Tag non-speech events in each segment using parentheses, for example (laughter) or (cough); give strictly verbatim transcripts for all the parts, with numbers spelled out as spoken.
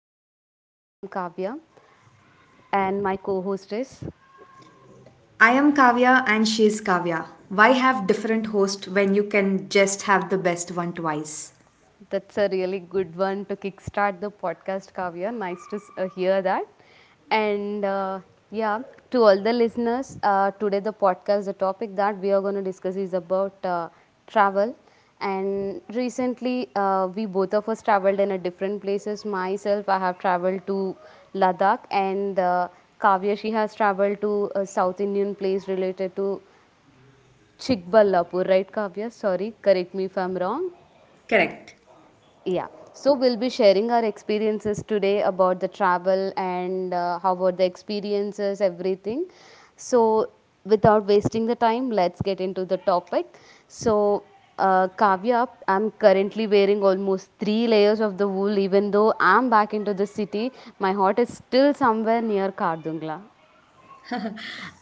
uh, myself I'm Kavya and my co-host is. I am Kavya and she is Kavya. Why have different hosts when you can just have the best one twice? That's a really good one to kickstart the podcast, Kavya. Nice to s- uh, hear that. And uh, yeah, to all the listeners, uh, today the podcast, the topic that we are going to discuss is about uh, travel. And recently, uh, we both of us traveled in a different places. Myself, I have traveled to Ladakh, and uh, Kavya, she has traveled to a South Indian place related to Chikballapur, right, Kavya? Sorry, correct me if I'm wrong. Correct. Yeah, so we'll be sharing our experiences today about the travel and uh, how about the experiences, everything. So, without wasting the time, let's get into the topic. So, uh, Kavya, I'm currently wearing almost three layers of the wool, even though I'm back into the city. My heart is still somewhere near Kardungla.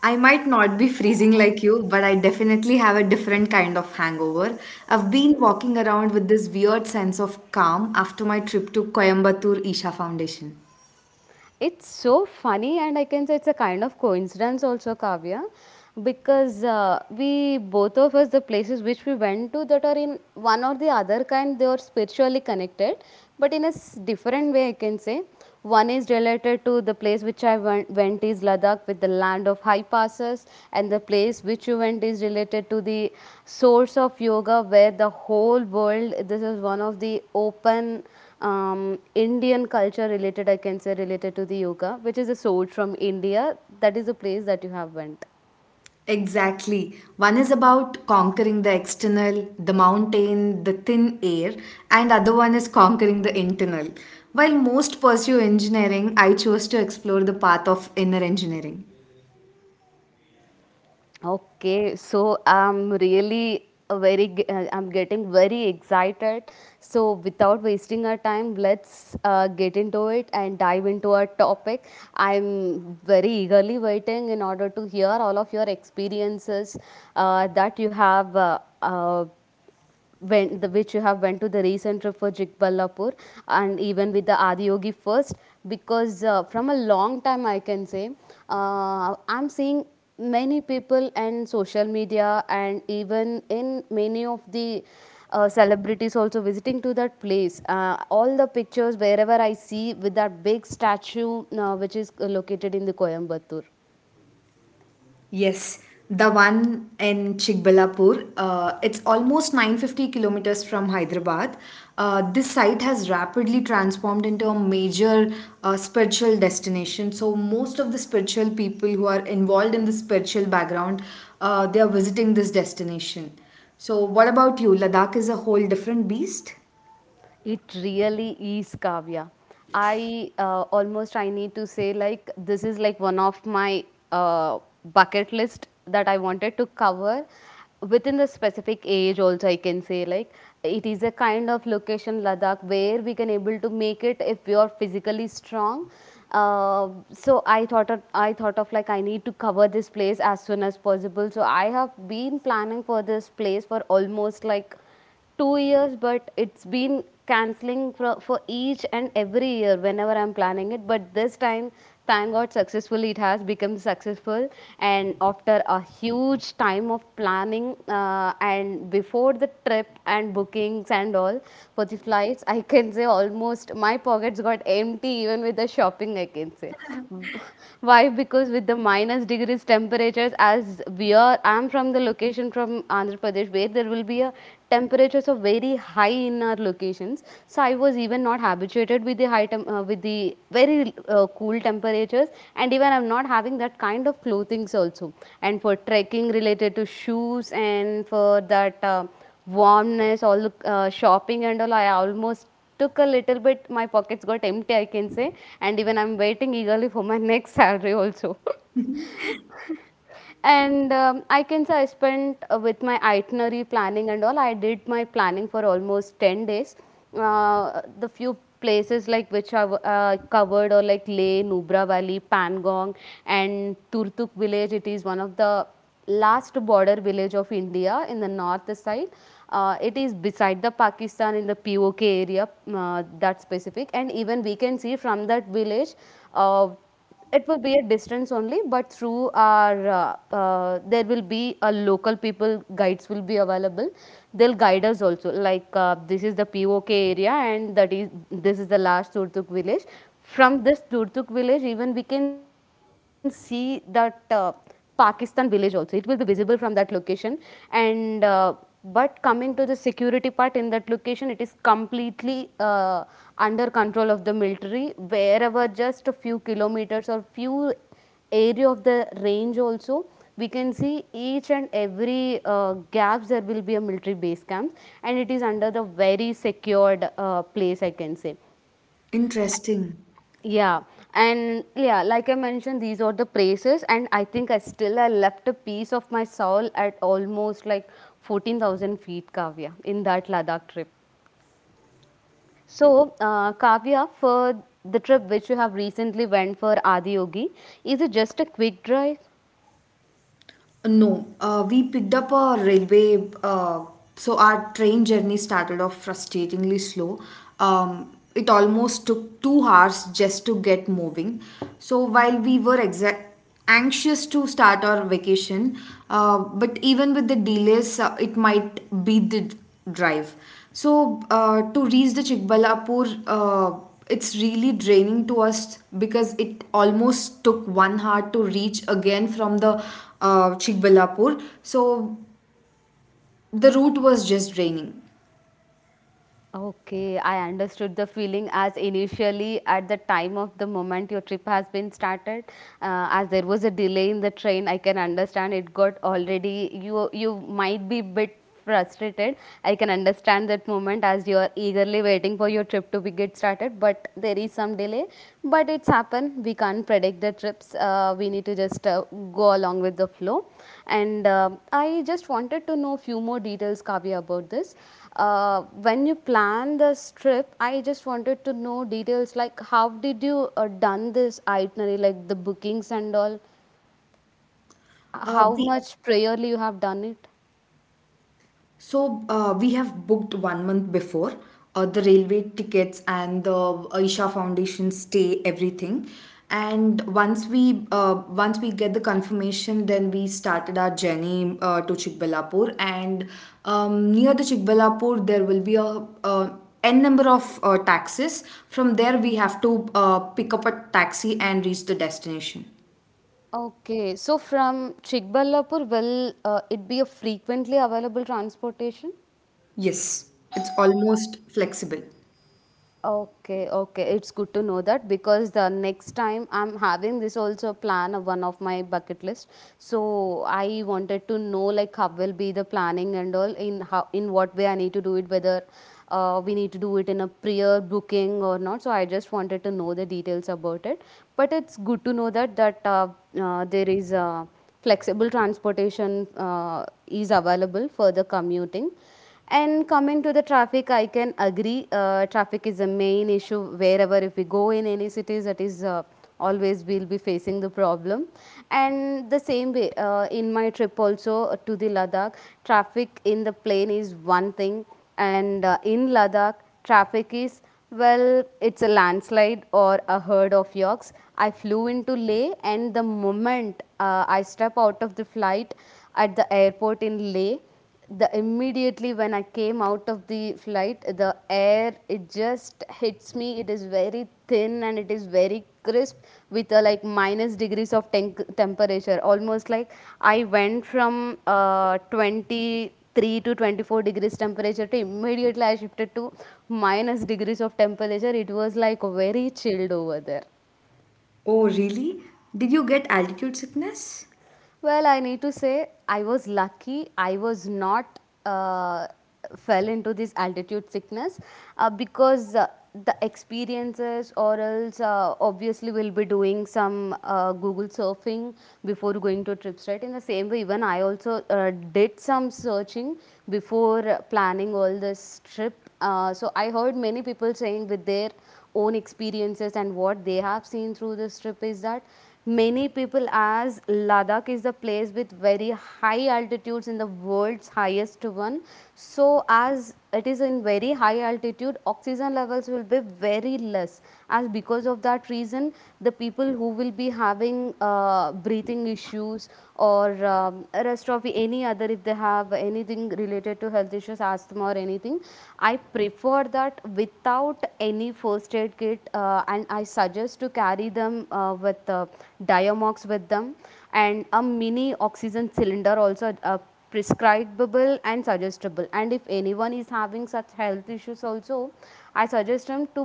I might not be freezing like you, but I definitely have a different kind of hangover. I've been walking around with this weird sense of calm after my trip to Coimbatore Isha Foundation. It's so funny, and I can say it's a kind of coincidence also, Kavya, because uh, we both of us, the places which we went to that are in one or the other kind, they are spiritually connected, but in a s- different way, I can say. One is related to the place which I went, went is Ladakh with the land of high passes, and the place which you went is related to the source of yoga where the whole world, this is one of the open um, Indian culture related, I can say related to the yoga, which is a source from India. That is a place that you have went. Exactly. One is about conquering the external, the mountain, the thin air, and other one is conquering the internal. While most pursue engineering, I chose to explore the path of inner engineering. Okay, so I'm really a very, g- uh, I'm getting very excited. So without wasting our time, let's uh, get into it and dive into our topic. I'm very eagerly waiting in order to hear all of your experiences uh, that you have uh, uh, went the which you have went to the recent trip for Jikballapur and even with the Adiyogi first because uh, from a long time I can say uh, I'm seeing many people and social media and even in many of the uh, celebrities also visiting to that place uh, all the pictures wherever I see with that big statue uh, which is located in the Coimbatore. Yes, the one in Chikbalapur. Uh, it's almost nine hundred fifty kilometers from Hyderabad. Uh, this site has rapidly transformed into a major uh, spiritual destination. So most of the spiritual people who are involved in the spiritual background, uh, they are visiting this destination. So what about you? Ladakh is a whole different beast. It really is, Kavya. I uh, almost I need to say like this is like one of my uh, bucket list that I wanted to cover within the specific age also I can say like it is a kind of location Ladakh where we can able to make it if we are physically strong. Uh, so I thought of, I thought of like I need to cover this place as soon as possible. So I have been planning for this place for almost like two years, but it's been canceling for, for each and every year whenever I'm planning it. But this time, thank God, successfully it has become successful. And after a huge time of planning uh, and before the trip and bookings and all for the flights, I can say almost my pockets got empty even with the shopping. I can say (laughs) why because with the minus degrees temperatures as we are I'm from from the location from Andhra Pradesh where there will be a temperatures of very high in our locations. So I was even not habituated with the high tem- uh, with the very uh, cool temperatures and even I'm not having that kind of clothings also. And for trekking related to shoes and for that uh, warmness, all the uh, shopping and all, I almost took a little bit my pockets got empty I can say and even I'm waiting eagerly for my (laughs) next salary also (laughs) And um, I can say I spent uh, with my itinerary planning and all, I did my planning for almost ten days. Uh, the few places like which I w- uh, covered or like Leh, Nubra Valley, Pangong, and Turtuk village. It is one of the last border village of India in the north side. Uh, it is beside the Pakistan in the P O K area, uh, that specific. And even we can see from that village. Uh, it will be a distance only, but through our, uh, uh, there will be a local people guides will be available. They'll guide us also. Like uh, this is the P O K area, and that is this is the last Turtuk village. From this Turtuk village, even we can see that. Uh, Pakistan village also. It will be visible from that location. And uh, but coming to the security part in that location, it is completely uh, under control of the military. Wherever just a few kilometers or few area of the range also we can see each and every uh, gaps there will be a military base camp and it is under the very secured uh, place I can say. Interesting. Yeah, and yeah, like I mentioned, these are the praises, and I think I still I left a piece of my soul at almost like fourteen thousand feet, Kavya, in that Ladakh trip. So, uh, Kavya, for the trip which you have recently went for Adiyogi, is it just a quick drive? No, uh, we picked up a railway. Uh, so our train journey started off frustratingly slow. Um, it almost took two hours just to get moving. So while we were exa- anxious to start our vacation, uh, but even with the delays, uh, it might be the drive. So uh, to reach the Chikbalapur, uh, it's really draining to us because it almost took one hour to reach again from the uh, Chikbalapur. So the route was just draining. Okay, I understood the feeling as initially at the time of the moment your trip has been started, uh, as there was a delay in the train, I can understand it got already you you might be bit frustrated. I can understand that moment as you are eagerly waiting for your trip to be get started, but there is some delay but it's happened we can't predict the trips uh, we need to just uh, go along with the flow and uh, I just wanted to know few more details Kavya about this uh, when you plan this trip I just wanted to know details like how did you uh, done this itinerary like the bookings and all Uh, how the much prayerly you have done it. So uh, we have booked one month before uh, the railway tickets and the Aisha Foundation stay everything, and once we uh, once we get the confirmation, then we started our journey uh, to Chikballapur, and um, near the Chikballapur there will be a, a n number of uh, taxis. From there we have to uh, pick up a taxi and reach the destination. Okay so from Chikballapur will uh, it be a frequently available transportation? Yes, it's almost flexible. Okay, okay. It's good to know that because the next time I'm having this also plan of one of my bucket list. So I wanted to know like how will be the planning and all in how in what way I need to do it, whether uh, we need to do it in a prior booking or not. So I just wanted to know the details about it. But it's good to know that that uh, uh, there is a flexible transportation uh, is available for the commuting. And coming to the traffic, I can agree. Uh, traffic is a main issue wherever if we go in any cities, that is uh, always we'll be facing the problem. And the same way uh, in my trip also uh, to the Ladakh, traffic in the plane is one thing, and uh, in Ladakh, traffic is well, it's a landslide or a herd of yaks. I flew into Leh, and the moment uh, I step out of the flight at the airport in Leh the immediately when I came out of the flight the air it just hits me it is very thin and it is very crisp with a like minus degrees of tenc temperature almost like I went from uh, twenty-three to twenty-four degrees temperature to immediately I shifted to minus degrees of temperature it was like very chilled over there. Oh really? Did you get altitude sickness? Well, I need to say I was lucky. I was not uh, fell into this altitude sickness uh, because uh, the experiences, or else uh, obviously we'll be doing some uh, Google surfing before going to trips, right? In the same way, even I also uh, did some searching before uh, planning all this trip. Uh, so I heard many people saying with their own experiences and what they have seen through this trip is that many people, as Ladakh is the place with very high altitudes, in the world's highest one. So as it is in very high altitude, oxygen levels will be very less. As because of that reason, the people who will be having uh, breathing issues or um, rest of any other, if they have anything related to health health issues, asthma or anything, I prefer that without any first aid kit, uh, and I suggest to carry them uh, with uh, Diamox with them, and a mini oxygen cylinder also, uh, prescribable and suggestible. And if anyone is having such health issues also, I suggest them to,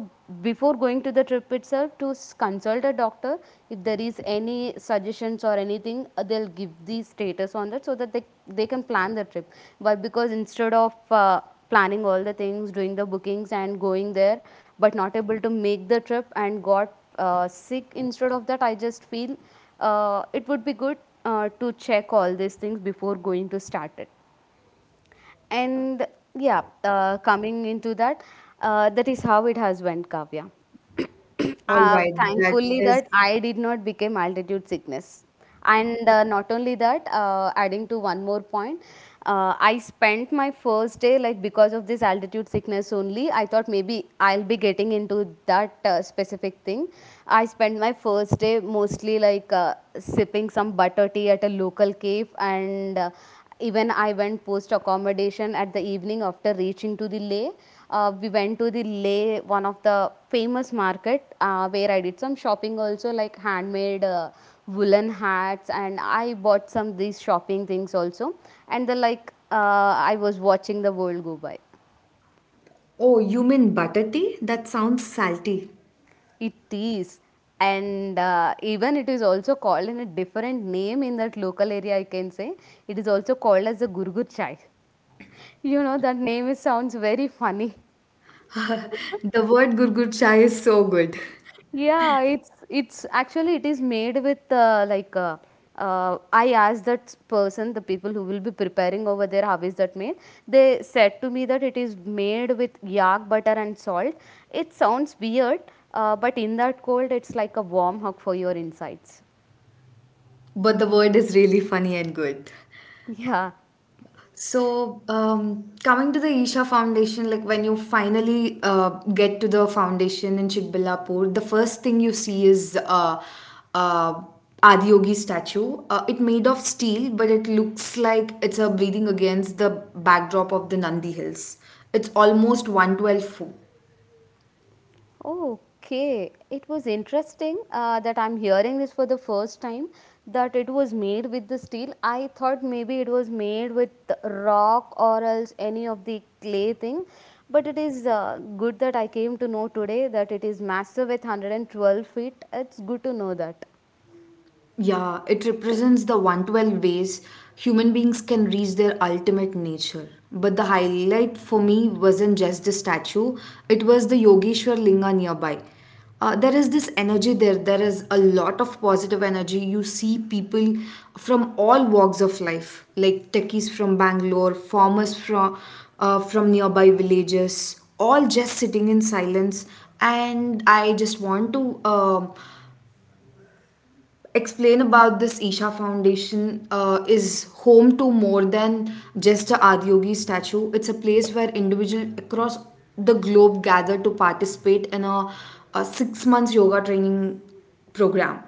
before going to the trip itself, to s- consult a doctor. If there is any suggestions or anything, uh, they'll give the status on that so that they they can plan the trip. Why? Because instead of uh, planning all the things, doing the bookings and going there but not able to make the trip and got uh, sick, instead of that I just feel uh, it would be good uh, to check all these things before going to start it. And yeah, uh, coming into that, uh, that is how it has went, Kavya. (coughs) (clears throat) All uh, right, that thankfully is. that I did not become altitude sickness. And uh, not only that, uh, adding to one more point, uh, I spent my first day like because of this altitude sickness only. I thought maybe I'll be getting into that uh, specific thing. I spent my first day mostly like uh, sipping some butter tea at a local cave, and uh, even I went post accommodation at the evening after reaching to the Leh. Uh, we went to the Leh, one of the famous market, uh, where I did some shopping also, like handmade uh, woolen hats, and I bought some these shopping things also. And the like, uh, I was watching the world go by. Oh, you mean butter tea? That sounds salty. It is, and uh, even it is also called in a different name in that local area. I can say it is also called as the gurgur chai. You know, that name is, sounds very funny. The word gurgur chai is so good, Yeah, it's it's actually it is made with uh, like uh, uh, I asked that person, the people who will be preparing over there, how is that made? They said to me that it is made with yak butter and salt. It sounds weird, uh, but in that cold, it's like a warm hug for your insides. but the word is really funny and good. Yeah. So, um, coming to the Isha Foundation, like when you finally uh, get to the foundation in Chikbillapur, the first thing you see is uh, uh, Adiyogi statue. Uh, it made of steel, but it looks like it's a breathing against the backdrop of the Nandi Hills. It's almost one hundred twelve foot. Okay. It was interesting uh, that I'm hearing this for the first time, that it was made with the steel. I thought maybe it was made with rock or else any of the clay thing. But it is, uh, good that I came to know today that it is massive with one hundred twelve feet. It's good to know that. Yeah, it represents the one hundred twelve ways human beings can reach their ultimate nature. But the highlight for me wasn't just the statue, it was the Yogeshwar Linga nearby. Uh, there is this energy there, there is a lot of positive energy. You see people from all walks of life, like techies from Bangalore, farmers from, uh, from nearby villages, all just sitting in silence. And I just want to um explain about this Isha Foundation uh, Is home to more than just a Adiyogi statue. It's a place where individuals across the globe gather to participate in a, a six months yoga training program.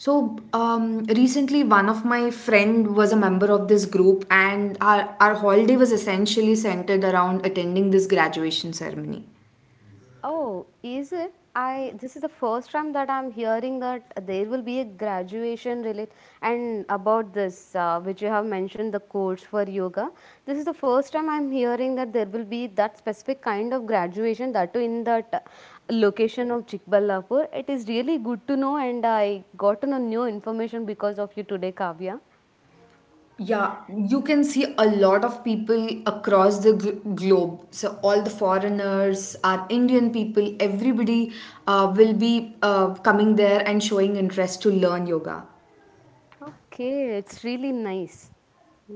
So um, recently, one of my friend was a member of this group, and our, our holiday was essentially centered around attending this graduation ceremony. Oh, is it? I, this is the first time that I'm hearing that there will be a graduation relate, and about this, uh, which you have mentioned the course for yoga. This is the first time I'm hearing that there will be that specific kind of graduation, that too in that uh, location of Chikballapur. It is really good to know, and I got to know new information because of you today, Kavya. Yeah, you can see a lot of people across the gl- globe. So, all the foreigners, our Indian people, everybody uh, will be uh, coming there and showing interest to learn yoga. Okay, it's really nice.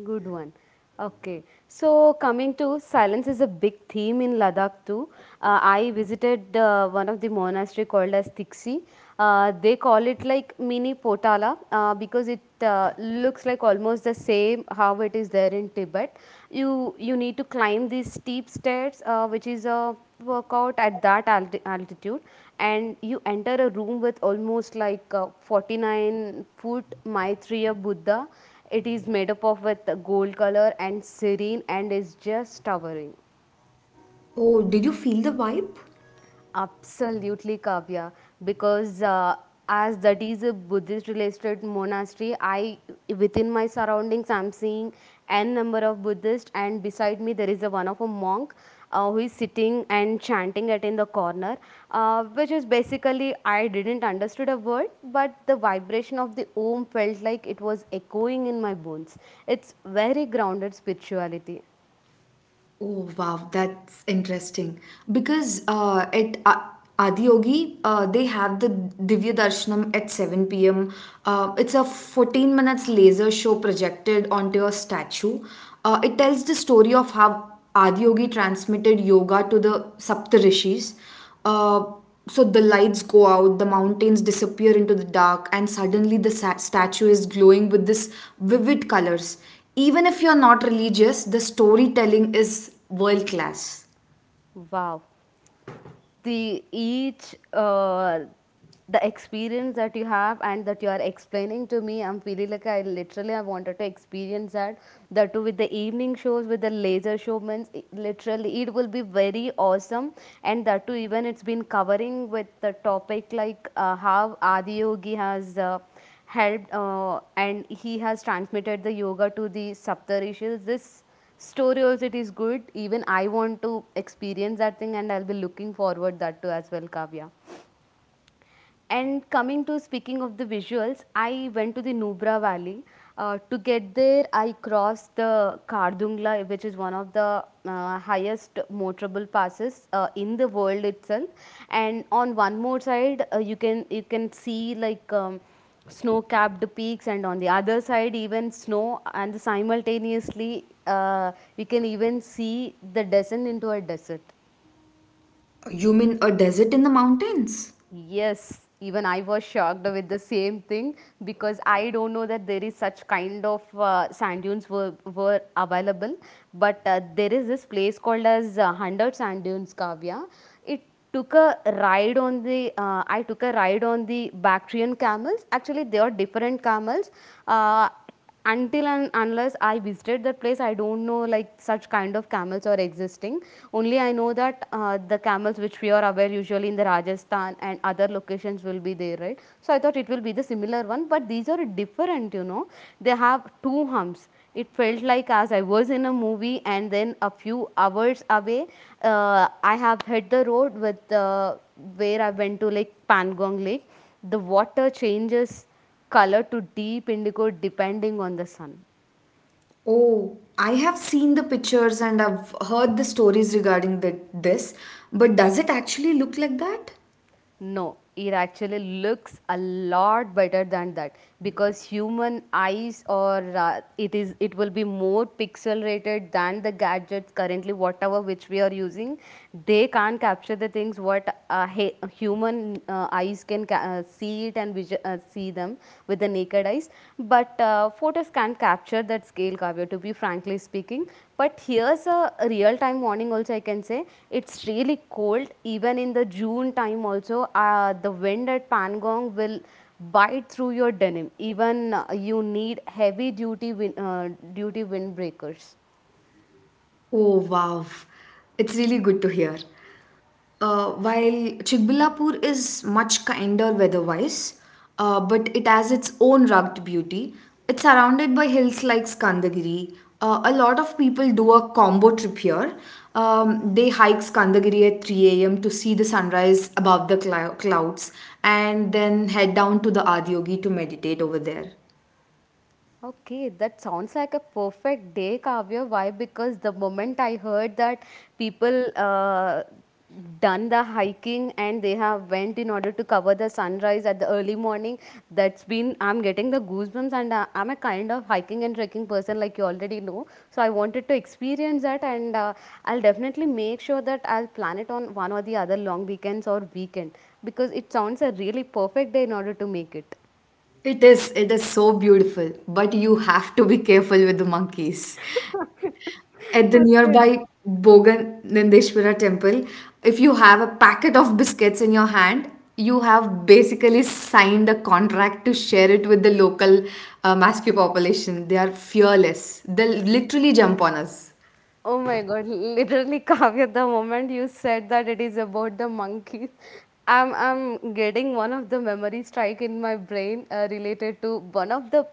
Good one. Okay, so coming to silence is a big theme in Ladakh too. Uh, I visited uh, one of the monastery called as Tiksi. Uh, they call it like mini Potala, uh, because it uh, looks like almost the same how it is there in Tibet. You you need to climb these steep stairs, uh, which is a workout at that alti- altitude, and you enter a room with almost like a forty-nine foot Maitreya Buddha. It is made up of with gold color and serene, and is just towering. Oh, did you feel the vibe? Absolutely, Kavya. Because uh, as that is a Buddhist related monastery, I, within my surroundings, I'm seeing N number of Buddhists, and beside me there is a one of a monk uh, who is sitting and chanting it in the corner, uh, which is basically, I didn't understood a word, but the vibration of the Om felt like it was echoing in my bones. It's very grounded spirituality. Oh wow, that's interesting. Because uh, at uh, Adiyogi, uh, they have the Divya Darshanam at seven p m. Uh, it's a fourteen minutes laser show projected onto a statue. Uh, it tells the story of how Adiyogi transmitted yoga to the Saptarishis. Uh, so the lights go out, the mountains disappear into the dark, and suddenly the sa- statue is glowing with this vivid colors. Even if you're not religious, the storytelling is world class. Wow. The each, uh, the experience that you have and that you are explaining to me, I'm feeling like I literally, I wanted to experience that, that too with the evening shows with the laser showmans, i- literally it will be very awesome. And that too, even it's been covering with the topic like uh, how Adiyogi has uh, helped uh, and he has transmitted the yoga to the Saptarishis, this story also it is good. Even I want to experience that thing, and I'll be looking forward that too as well, Kavya. And coming to speaking of the visuals, I went to the Nubra Valley. Uh, to get there, I crossed the Kardungla, which is one of the uh, highest motorable passes uh, in the world itself. And on one more side, uh, you can you can see like um, snow-capped peaks, and on the other side, even snow. And simultaneously, uh, we can even see the descent into a desert. You mean a desert in the mountains? Yes, even I was shocked with the same thing, because I don't know that there is such kind of uh, sand dunes were, were available. But uh, there is this place called as uh, one hundred Sand Dunes, Kavya. It took a ride on the, uh, I took a ride on the Bactrian camels. Actually, they are different camels. Uh, until and unless I visited that place, I don't know like such kind of camels are existing. Only I know that, uh, the camels which we are aware usually in the Rajasthan and other locations will be there, right? So I thought it will be the similar one, but these are different, you know. They have two humps. It felt like as I was in a movie. And then a few hours away, uh, I have hit the road with, uh, where I went to like Pangong Lake. The water changes color to deep indigo depending on the sun. Oh, I have seen the pictures and I've heard the stories regarding the, this, but does it actually look like that? No, it actually looks a lot better than that, because human eyes, or uh, it is, it will be more pixel rated than the gadgets currently whatever which we are using. They can't capture the things what uh, he- human uh, eyes can ca- uh, see it and visual, uh, see them with the naked eye recognize. But uh, photos can't capture that scale, Kavya, to be frankly speaking. But here's a real time warning also, I can say. It's really cold. Even in the June time also, uh, the wind at Pangong will bite through your denim. Even uh, you need heavy duty win- uh, duty windbreakers. Oh, wow. It's really good to hear. Uh, while Chickbillapur is much kinder weather-wise, uh, but it has its own rugged beauty. It's surrounded by hills like Skandagiri. Uh, a lot of people do a combo trip here. Um, they hike Skandagiri at three a m to see the sunrise above the clou- clouds and then head down to the Adiyogi to meditate over there. Okay, that sounds like a perfect day, Kavya. Why? Because the moment I heard that people uh, done the hiking and they have went in order to cover the sunrise at the early morning, that's been I'm getting the goosebumps. And uh, I'm a kind of hiking and trekking person, like you already know. So I wanted to experience that, and uh, I'll definitely make sure that I'll plan it on one or the other long weekends or weekend, because it sounds a really perfect day in order to make it. It is, it is so beautiful, but you have to be careful with the monkeys at the Okay. nearby Bogan Nandeshwara temple. If you have a packet of biscuits in your hand, you have basically signed a contract to share it with the local uh, Basque population. They are fearless. They'll literally jump on us. Oh my god, literally, (laughs) Kavya, the moment you said that it is about the monkeys, I'm I'm getting one of the memory strike in my brain uh, related to one of the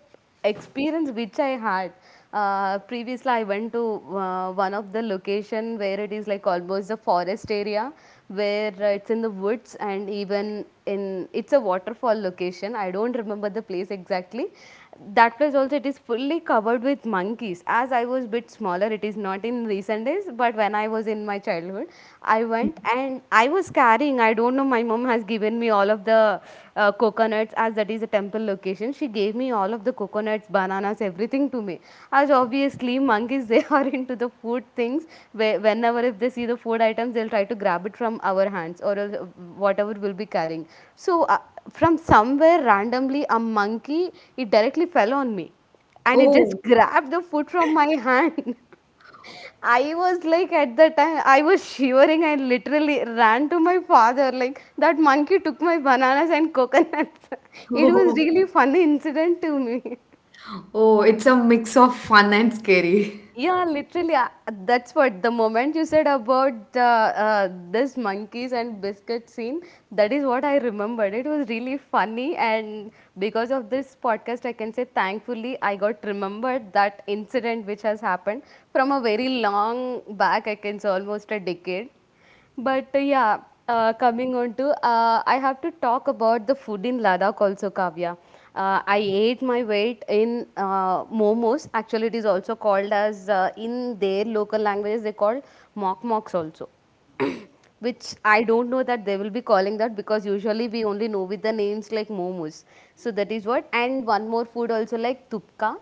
experience which I had. Uh, previously, I went to uh, one of the location where it is like almost a forest area, where uh, it's in the woods, and even in, it's a waterfall location. I don't remember the place exactly, that place also it is fully covered with monkeys. As I was bit smaller, it is not in recent days, but when I was in my childhood, I went, and I was carrying, I don't know, my mom has given me all of the uh, coconuts. As that is a temple location, she gave me all of the coconuts, bananas, everything to me. As obviously monkeys, they (laughs) are into the food things, where whenever if they see the food items, they'll try to grab it from our hands or else, uh, whatever we'll be carrying. So uh, from somewhere randomly a monkey, it directly fell on me and it just Oh, grabbed the food from my hand. (laughs) I was like, at the time I was shivering. I literally ran to my father like, that monkey took my bananas and coconuts. (laughs) (laughs) It was oh, really funny incident to me. oh, it's a mix of fun and scary. Yeah, literally. uh, That's what, the moment you said about uh, uh, this monkeys and biscuit scene, that is what I remembered. It was really funny, and because of this podcast, I can say thankfully I got remembered that incident which has happened from a very long back. I can say almost a decade. But uh, yeah, uh, coming on to, uh, I have to talk about the food in Ladakh also, Kavya. Uh, I ate my weight in uh, momos. Actually, it is also called as, uh, in their local languages, they call mock mocks also. (clears throat) Which I don't know that they will be calling that, because usually we only know with the names like momos. So that is what. And one more food also like tupka.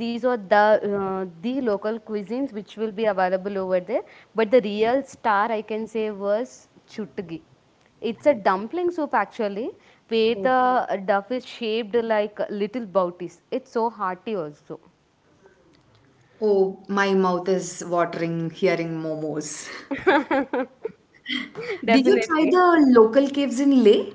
These are the uh, the local cuisines which will be available over there. But the real star I can say was chutgi. It's a dumpling soup actually, where the duff is shaped like little bouties. It's so hearty also. Oh, my mouth is watering hearing momos. (laughs) Did you try Definitely. the local caves in Leh?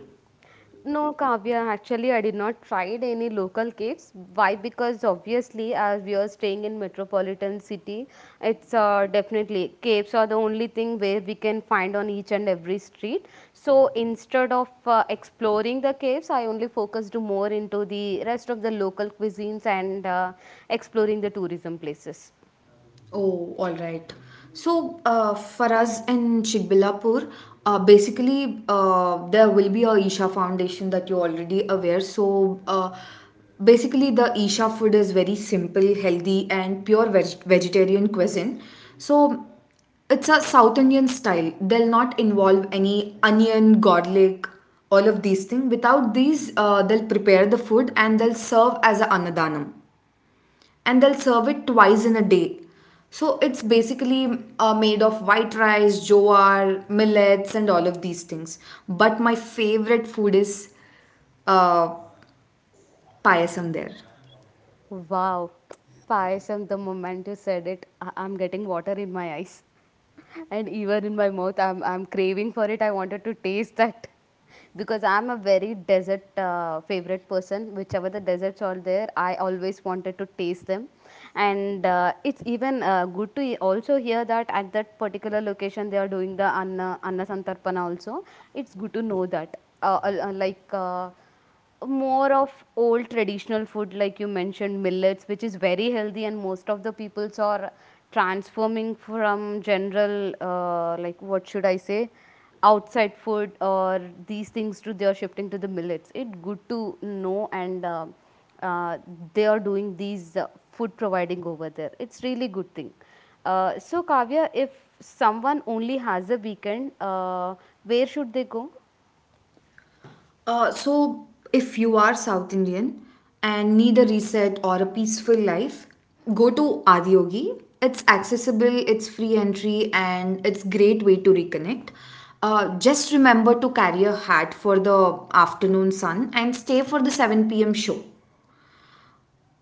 No, Kavya, actually, I did not tried any local caves. Why? Because obviously, as we are staying in metropolitan city, it's, uh, definitely caves are the only thing where we can find on each and every street. So instead of uh, exploring the caves, I only focused more into the rest of the local cuisines and uh, exploring the tourism places. Oh, all right. So, uh, for us in Shikbilapur, uh, basically, uh, there will be a Isha Foundation that you're already aware. So, uh, basically, the Isha food is very simple, healthy, and pure veg- vegetarian cuisine. So, it's a South Indian style. They'll not involve any onion, garlic, all of these things. Without these, uh, they'll prepare the food and they'll serve as a annadanam, and they'll serve it twice in a day. So it's basically uh, made of white rice, jowar, millets, and all of these things. But my favorite food is uh, payasam there. Wow, Payasam, the moment you said it, I- I'm getting water in my eyes. (laughs) And even in my mouth, I'm, I'm craving for it. I wanted to taste that. (laughs) Because I'm a very desert uh, favorite person. Whichever the deserts are there, I always wanted to taste them. And uh, it's even uh, good to he- also hear that at that particular location they are doing the Anna, Anna Santarpana also. It's good to know that. Uh, al- uh, like, uh, more of old traditional food like you mentioned millets, which is very healthy, and most of the peoples are transforming from general, uh, like what should I say, outside food or these things to, they are shifting to the millets. It's good to know. And uh, uh, they are doing these uh, food providing over there. It's really good thing. Uh, so Kavya, if someone only has a weekend, uh, where should they go? Uh, so, if you are South Indian and need a reset or a peaceful life, go to Adiyogi. It's accessible, it's free entry, and it's great way to reconnect. Uh, just remember to carry a hat for the afternoon sun and stay for the seven p m show,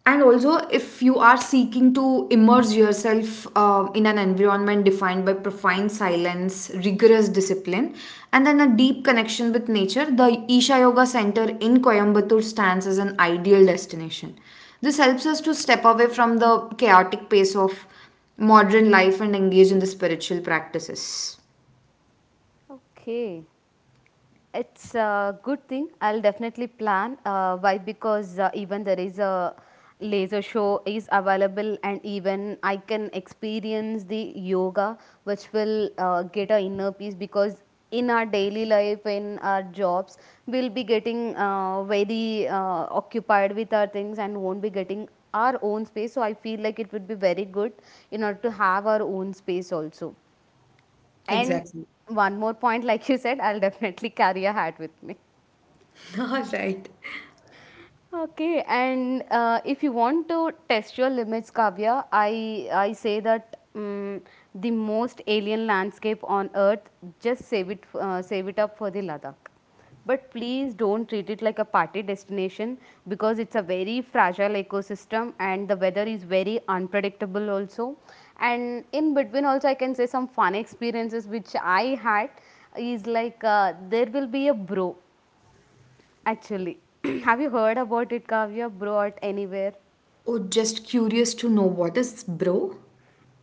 and also if you are seeking to immerse yourself uh, in an environment defined by profound silence, rigorous discipline, and then a deep connection with nature, the Isha Yoga Center in Coimbatore stands as an ideal destination. This helps us to step away from the chaotic pace of modern life and engage in the spiritual practices. Okay. It's a good thing. I'll definitely plan. Uh, why? Because uh, even there is a laser show is available, and even I can experience the yoga, which will uh, get a inner peace. Because in our daily life, in our jobs, we'll be getting uh, very uh, occupied with our things and won't be getting our own space. So I feel like it would be very good in order to have our own space also. And Exactly. one more point, like you said, I'll definitely carry a hat with me. (laughs) All right. Okay, and uh, if you want to test your limits, Kavya, I I say that um, the most alien landscape on Earth, just save it uh, save it up for the Ladakh. But please don't treat it like a party destination because it's a very fragile ecosystem and the weather is very unpredictable also. And in between also, I can say some fun experiences which I had is like, uh, there will be a bro. Actually, (clears throat) have you heard about it, Kavya? Brought anywhere? Oh, just curious to know, what is bro?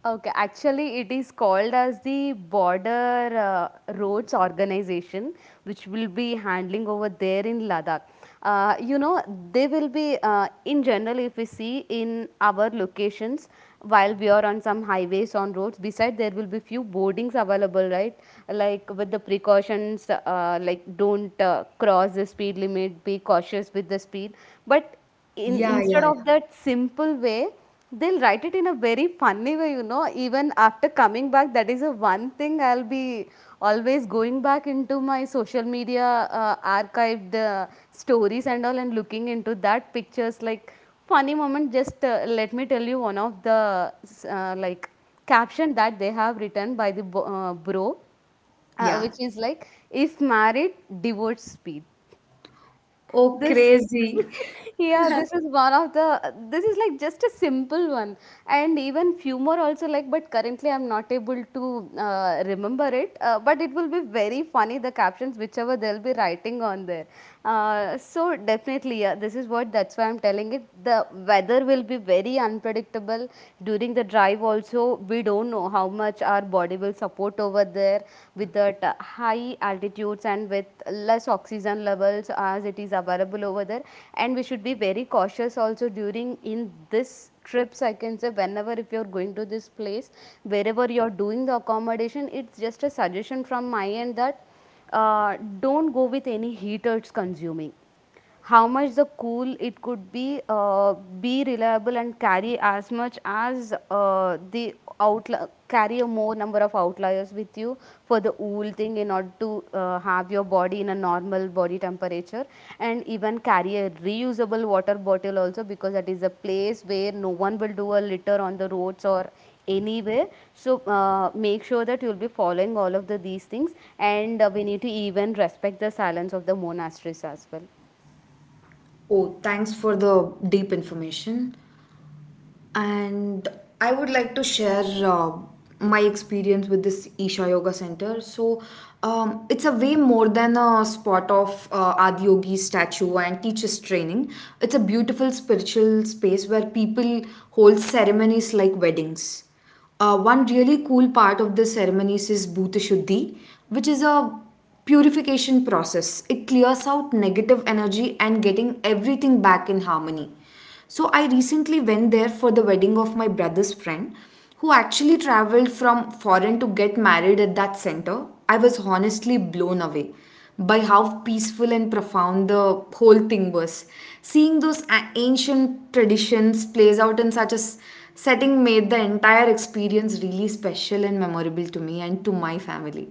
Okay, actually, it is called as the Border uh, Roads Organization, which will be handling over there in Ladakh. Uh, you know, they will be, uh, in general, if we see in our locations, while we are on some highways, on roads, beside there will be few boardings available, right? Like with the precautions, uh, like don't uh, cross the speed limit, be cautious with the speed. But in Yeah, instead yeah, yeah. of that simple way, they'll write it in a very funny way, you know. Even after coming back, that is the one thing I'll be always going back into my social media uh, archived uh, stories and all and looking into that pictures. Like, funny moment, just uh, let me tell you one of the uh, like caption that they have written by the bo- uh, bro, uh, Yeah. which is like, if married, divorce speed. Oh, This, crazy. (laughs) yeah, this is one of the, this is like just a simple one. And even few more also like, but currently I'm not able to uh, remember it. Uh, but it will be very funny, the captions, whichever they'll be writing on there. Uh, so definitely, yeah, this is what, that's why I'm telling it. The weather will be very unpredictable during the drive also. We don't know how much our body will support over there there with the t- high altitudes and with less oxygen levels as it is available over there, and we should be very cautious also during in this trips. I can say, whenever if you're going to this place, wherever you're doing the accommodation, it's just a suggestion from my end that uh, don't go with any heaters consuming. How much the cool it could be, uh, be reliable and carry as much as uh, the outli carry a more number of outliers with you for the wool thing in order to uh, have your body in a normal body temperature. And even carry a reusable water bottle also, because that is a place where no one will do a litter on the roads or anywhere. So uh, make sure that you'll be following all of the these things. And uh, we need to even respect the silence of the monasteries as well. Oh, thanks for the deep information, and I would like to share uh, my experience with this Isha Yoga Center. So um, it's a way more than a spot of uh, Adiyogi statue and teachers training. It's a beautiful spiritual space where people hold ceremonies like weddings. Uh, one really cool part of the ceremonies is Bhuta Shuddhi, which is a purification process. It clears out negative energy and getting everything back in harmony. So I recently went there for the wedding of my brother's friend who actually traveled from foreign to get married at that center. I was honestly blown away by how peaceful and profound the whole thing was. Seeing those a- ancient traditions plays out in such a s- setting made the entire experience really special and memorable to me and to my family.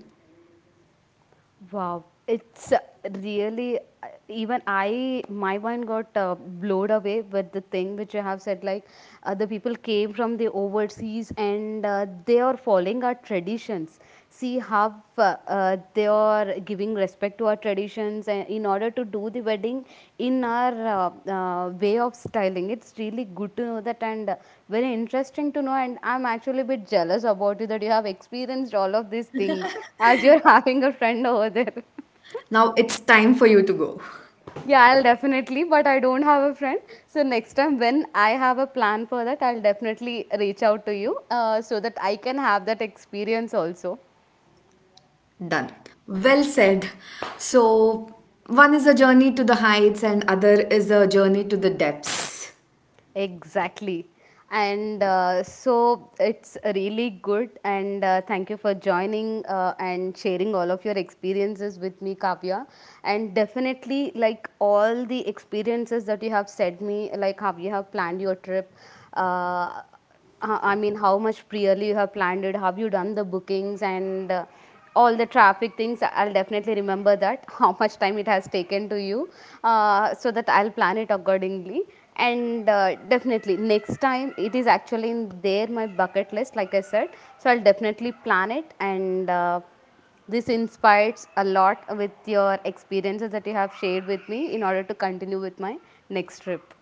Wow, it's uh, really uh, even I my mind got uh, blown away with the thing which you have said. Like uh, the people came from the overseas and uh, they are following our traditions. See how uh, uh, they are giving respect to our traditions and in order to do the wedding in our uh, uh, way of styling. It's really good to know that. And uh, very interesting to know, and I'm actually a bit jealous about you that you have experienced all of these things, as you're (laughs) having a friend over there. Now it's time for you to go. (laughs) Yeah, I'll definitely, but I don't have a friend, so next time when I have a plan for that, I'll definitely reach out to you, uh, so that I can have that experience also. Done. Well said. So, one is a journey to the heights, and other is a journey to the depths. Exactly. And uh, so it's really good. And uh, thank you for joining uh, and sharing all of your experiences with me, Kavya. And definitely, like all the experiences that you have said me, like how you have planned your trip. Uh, uh, I mean, how much clearly you have planned it, have you done the bookings and uh, all the traffic things? I'll definitely remember that, (laughs) how much time it has taken to you, uh, so that I'll plan it accordingly. And uh, definitely, next time it is actually in there, my bucket list, like I said. So I'll definitely plan it. And uh, this inspires a lot with your experiences that you have shared with me in order to continue with my next trip.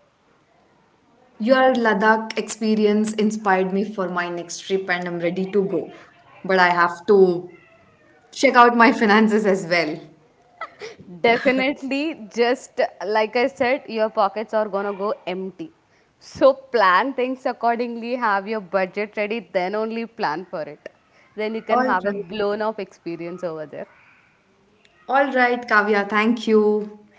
Your Ladakh experience inspired me for my next trip, and I'm ready to go. But I have to check out my finances as well. Definitely, just like I said, your pockets are gonna go empty. So plan things accordingly, have your budget ready, then only plan for it. Then you All can right. have a blown up experience over there. All right, Kavya. Thank you.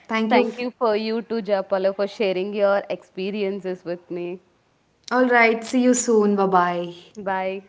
Thank you. Thank f- you for you too, Japalo, for sharing your experiences with me. All right. See you soon. Bye bye. Bye.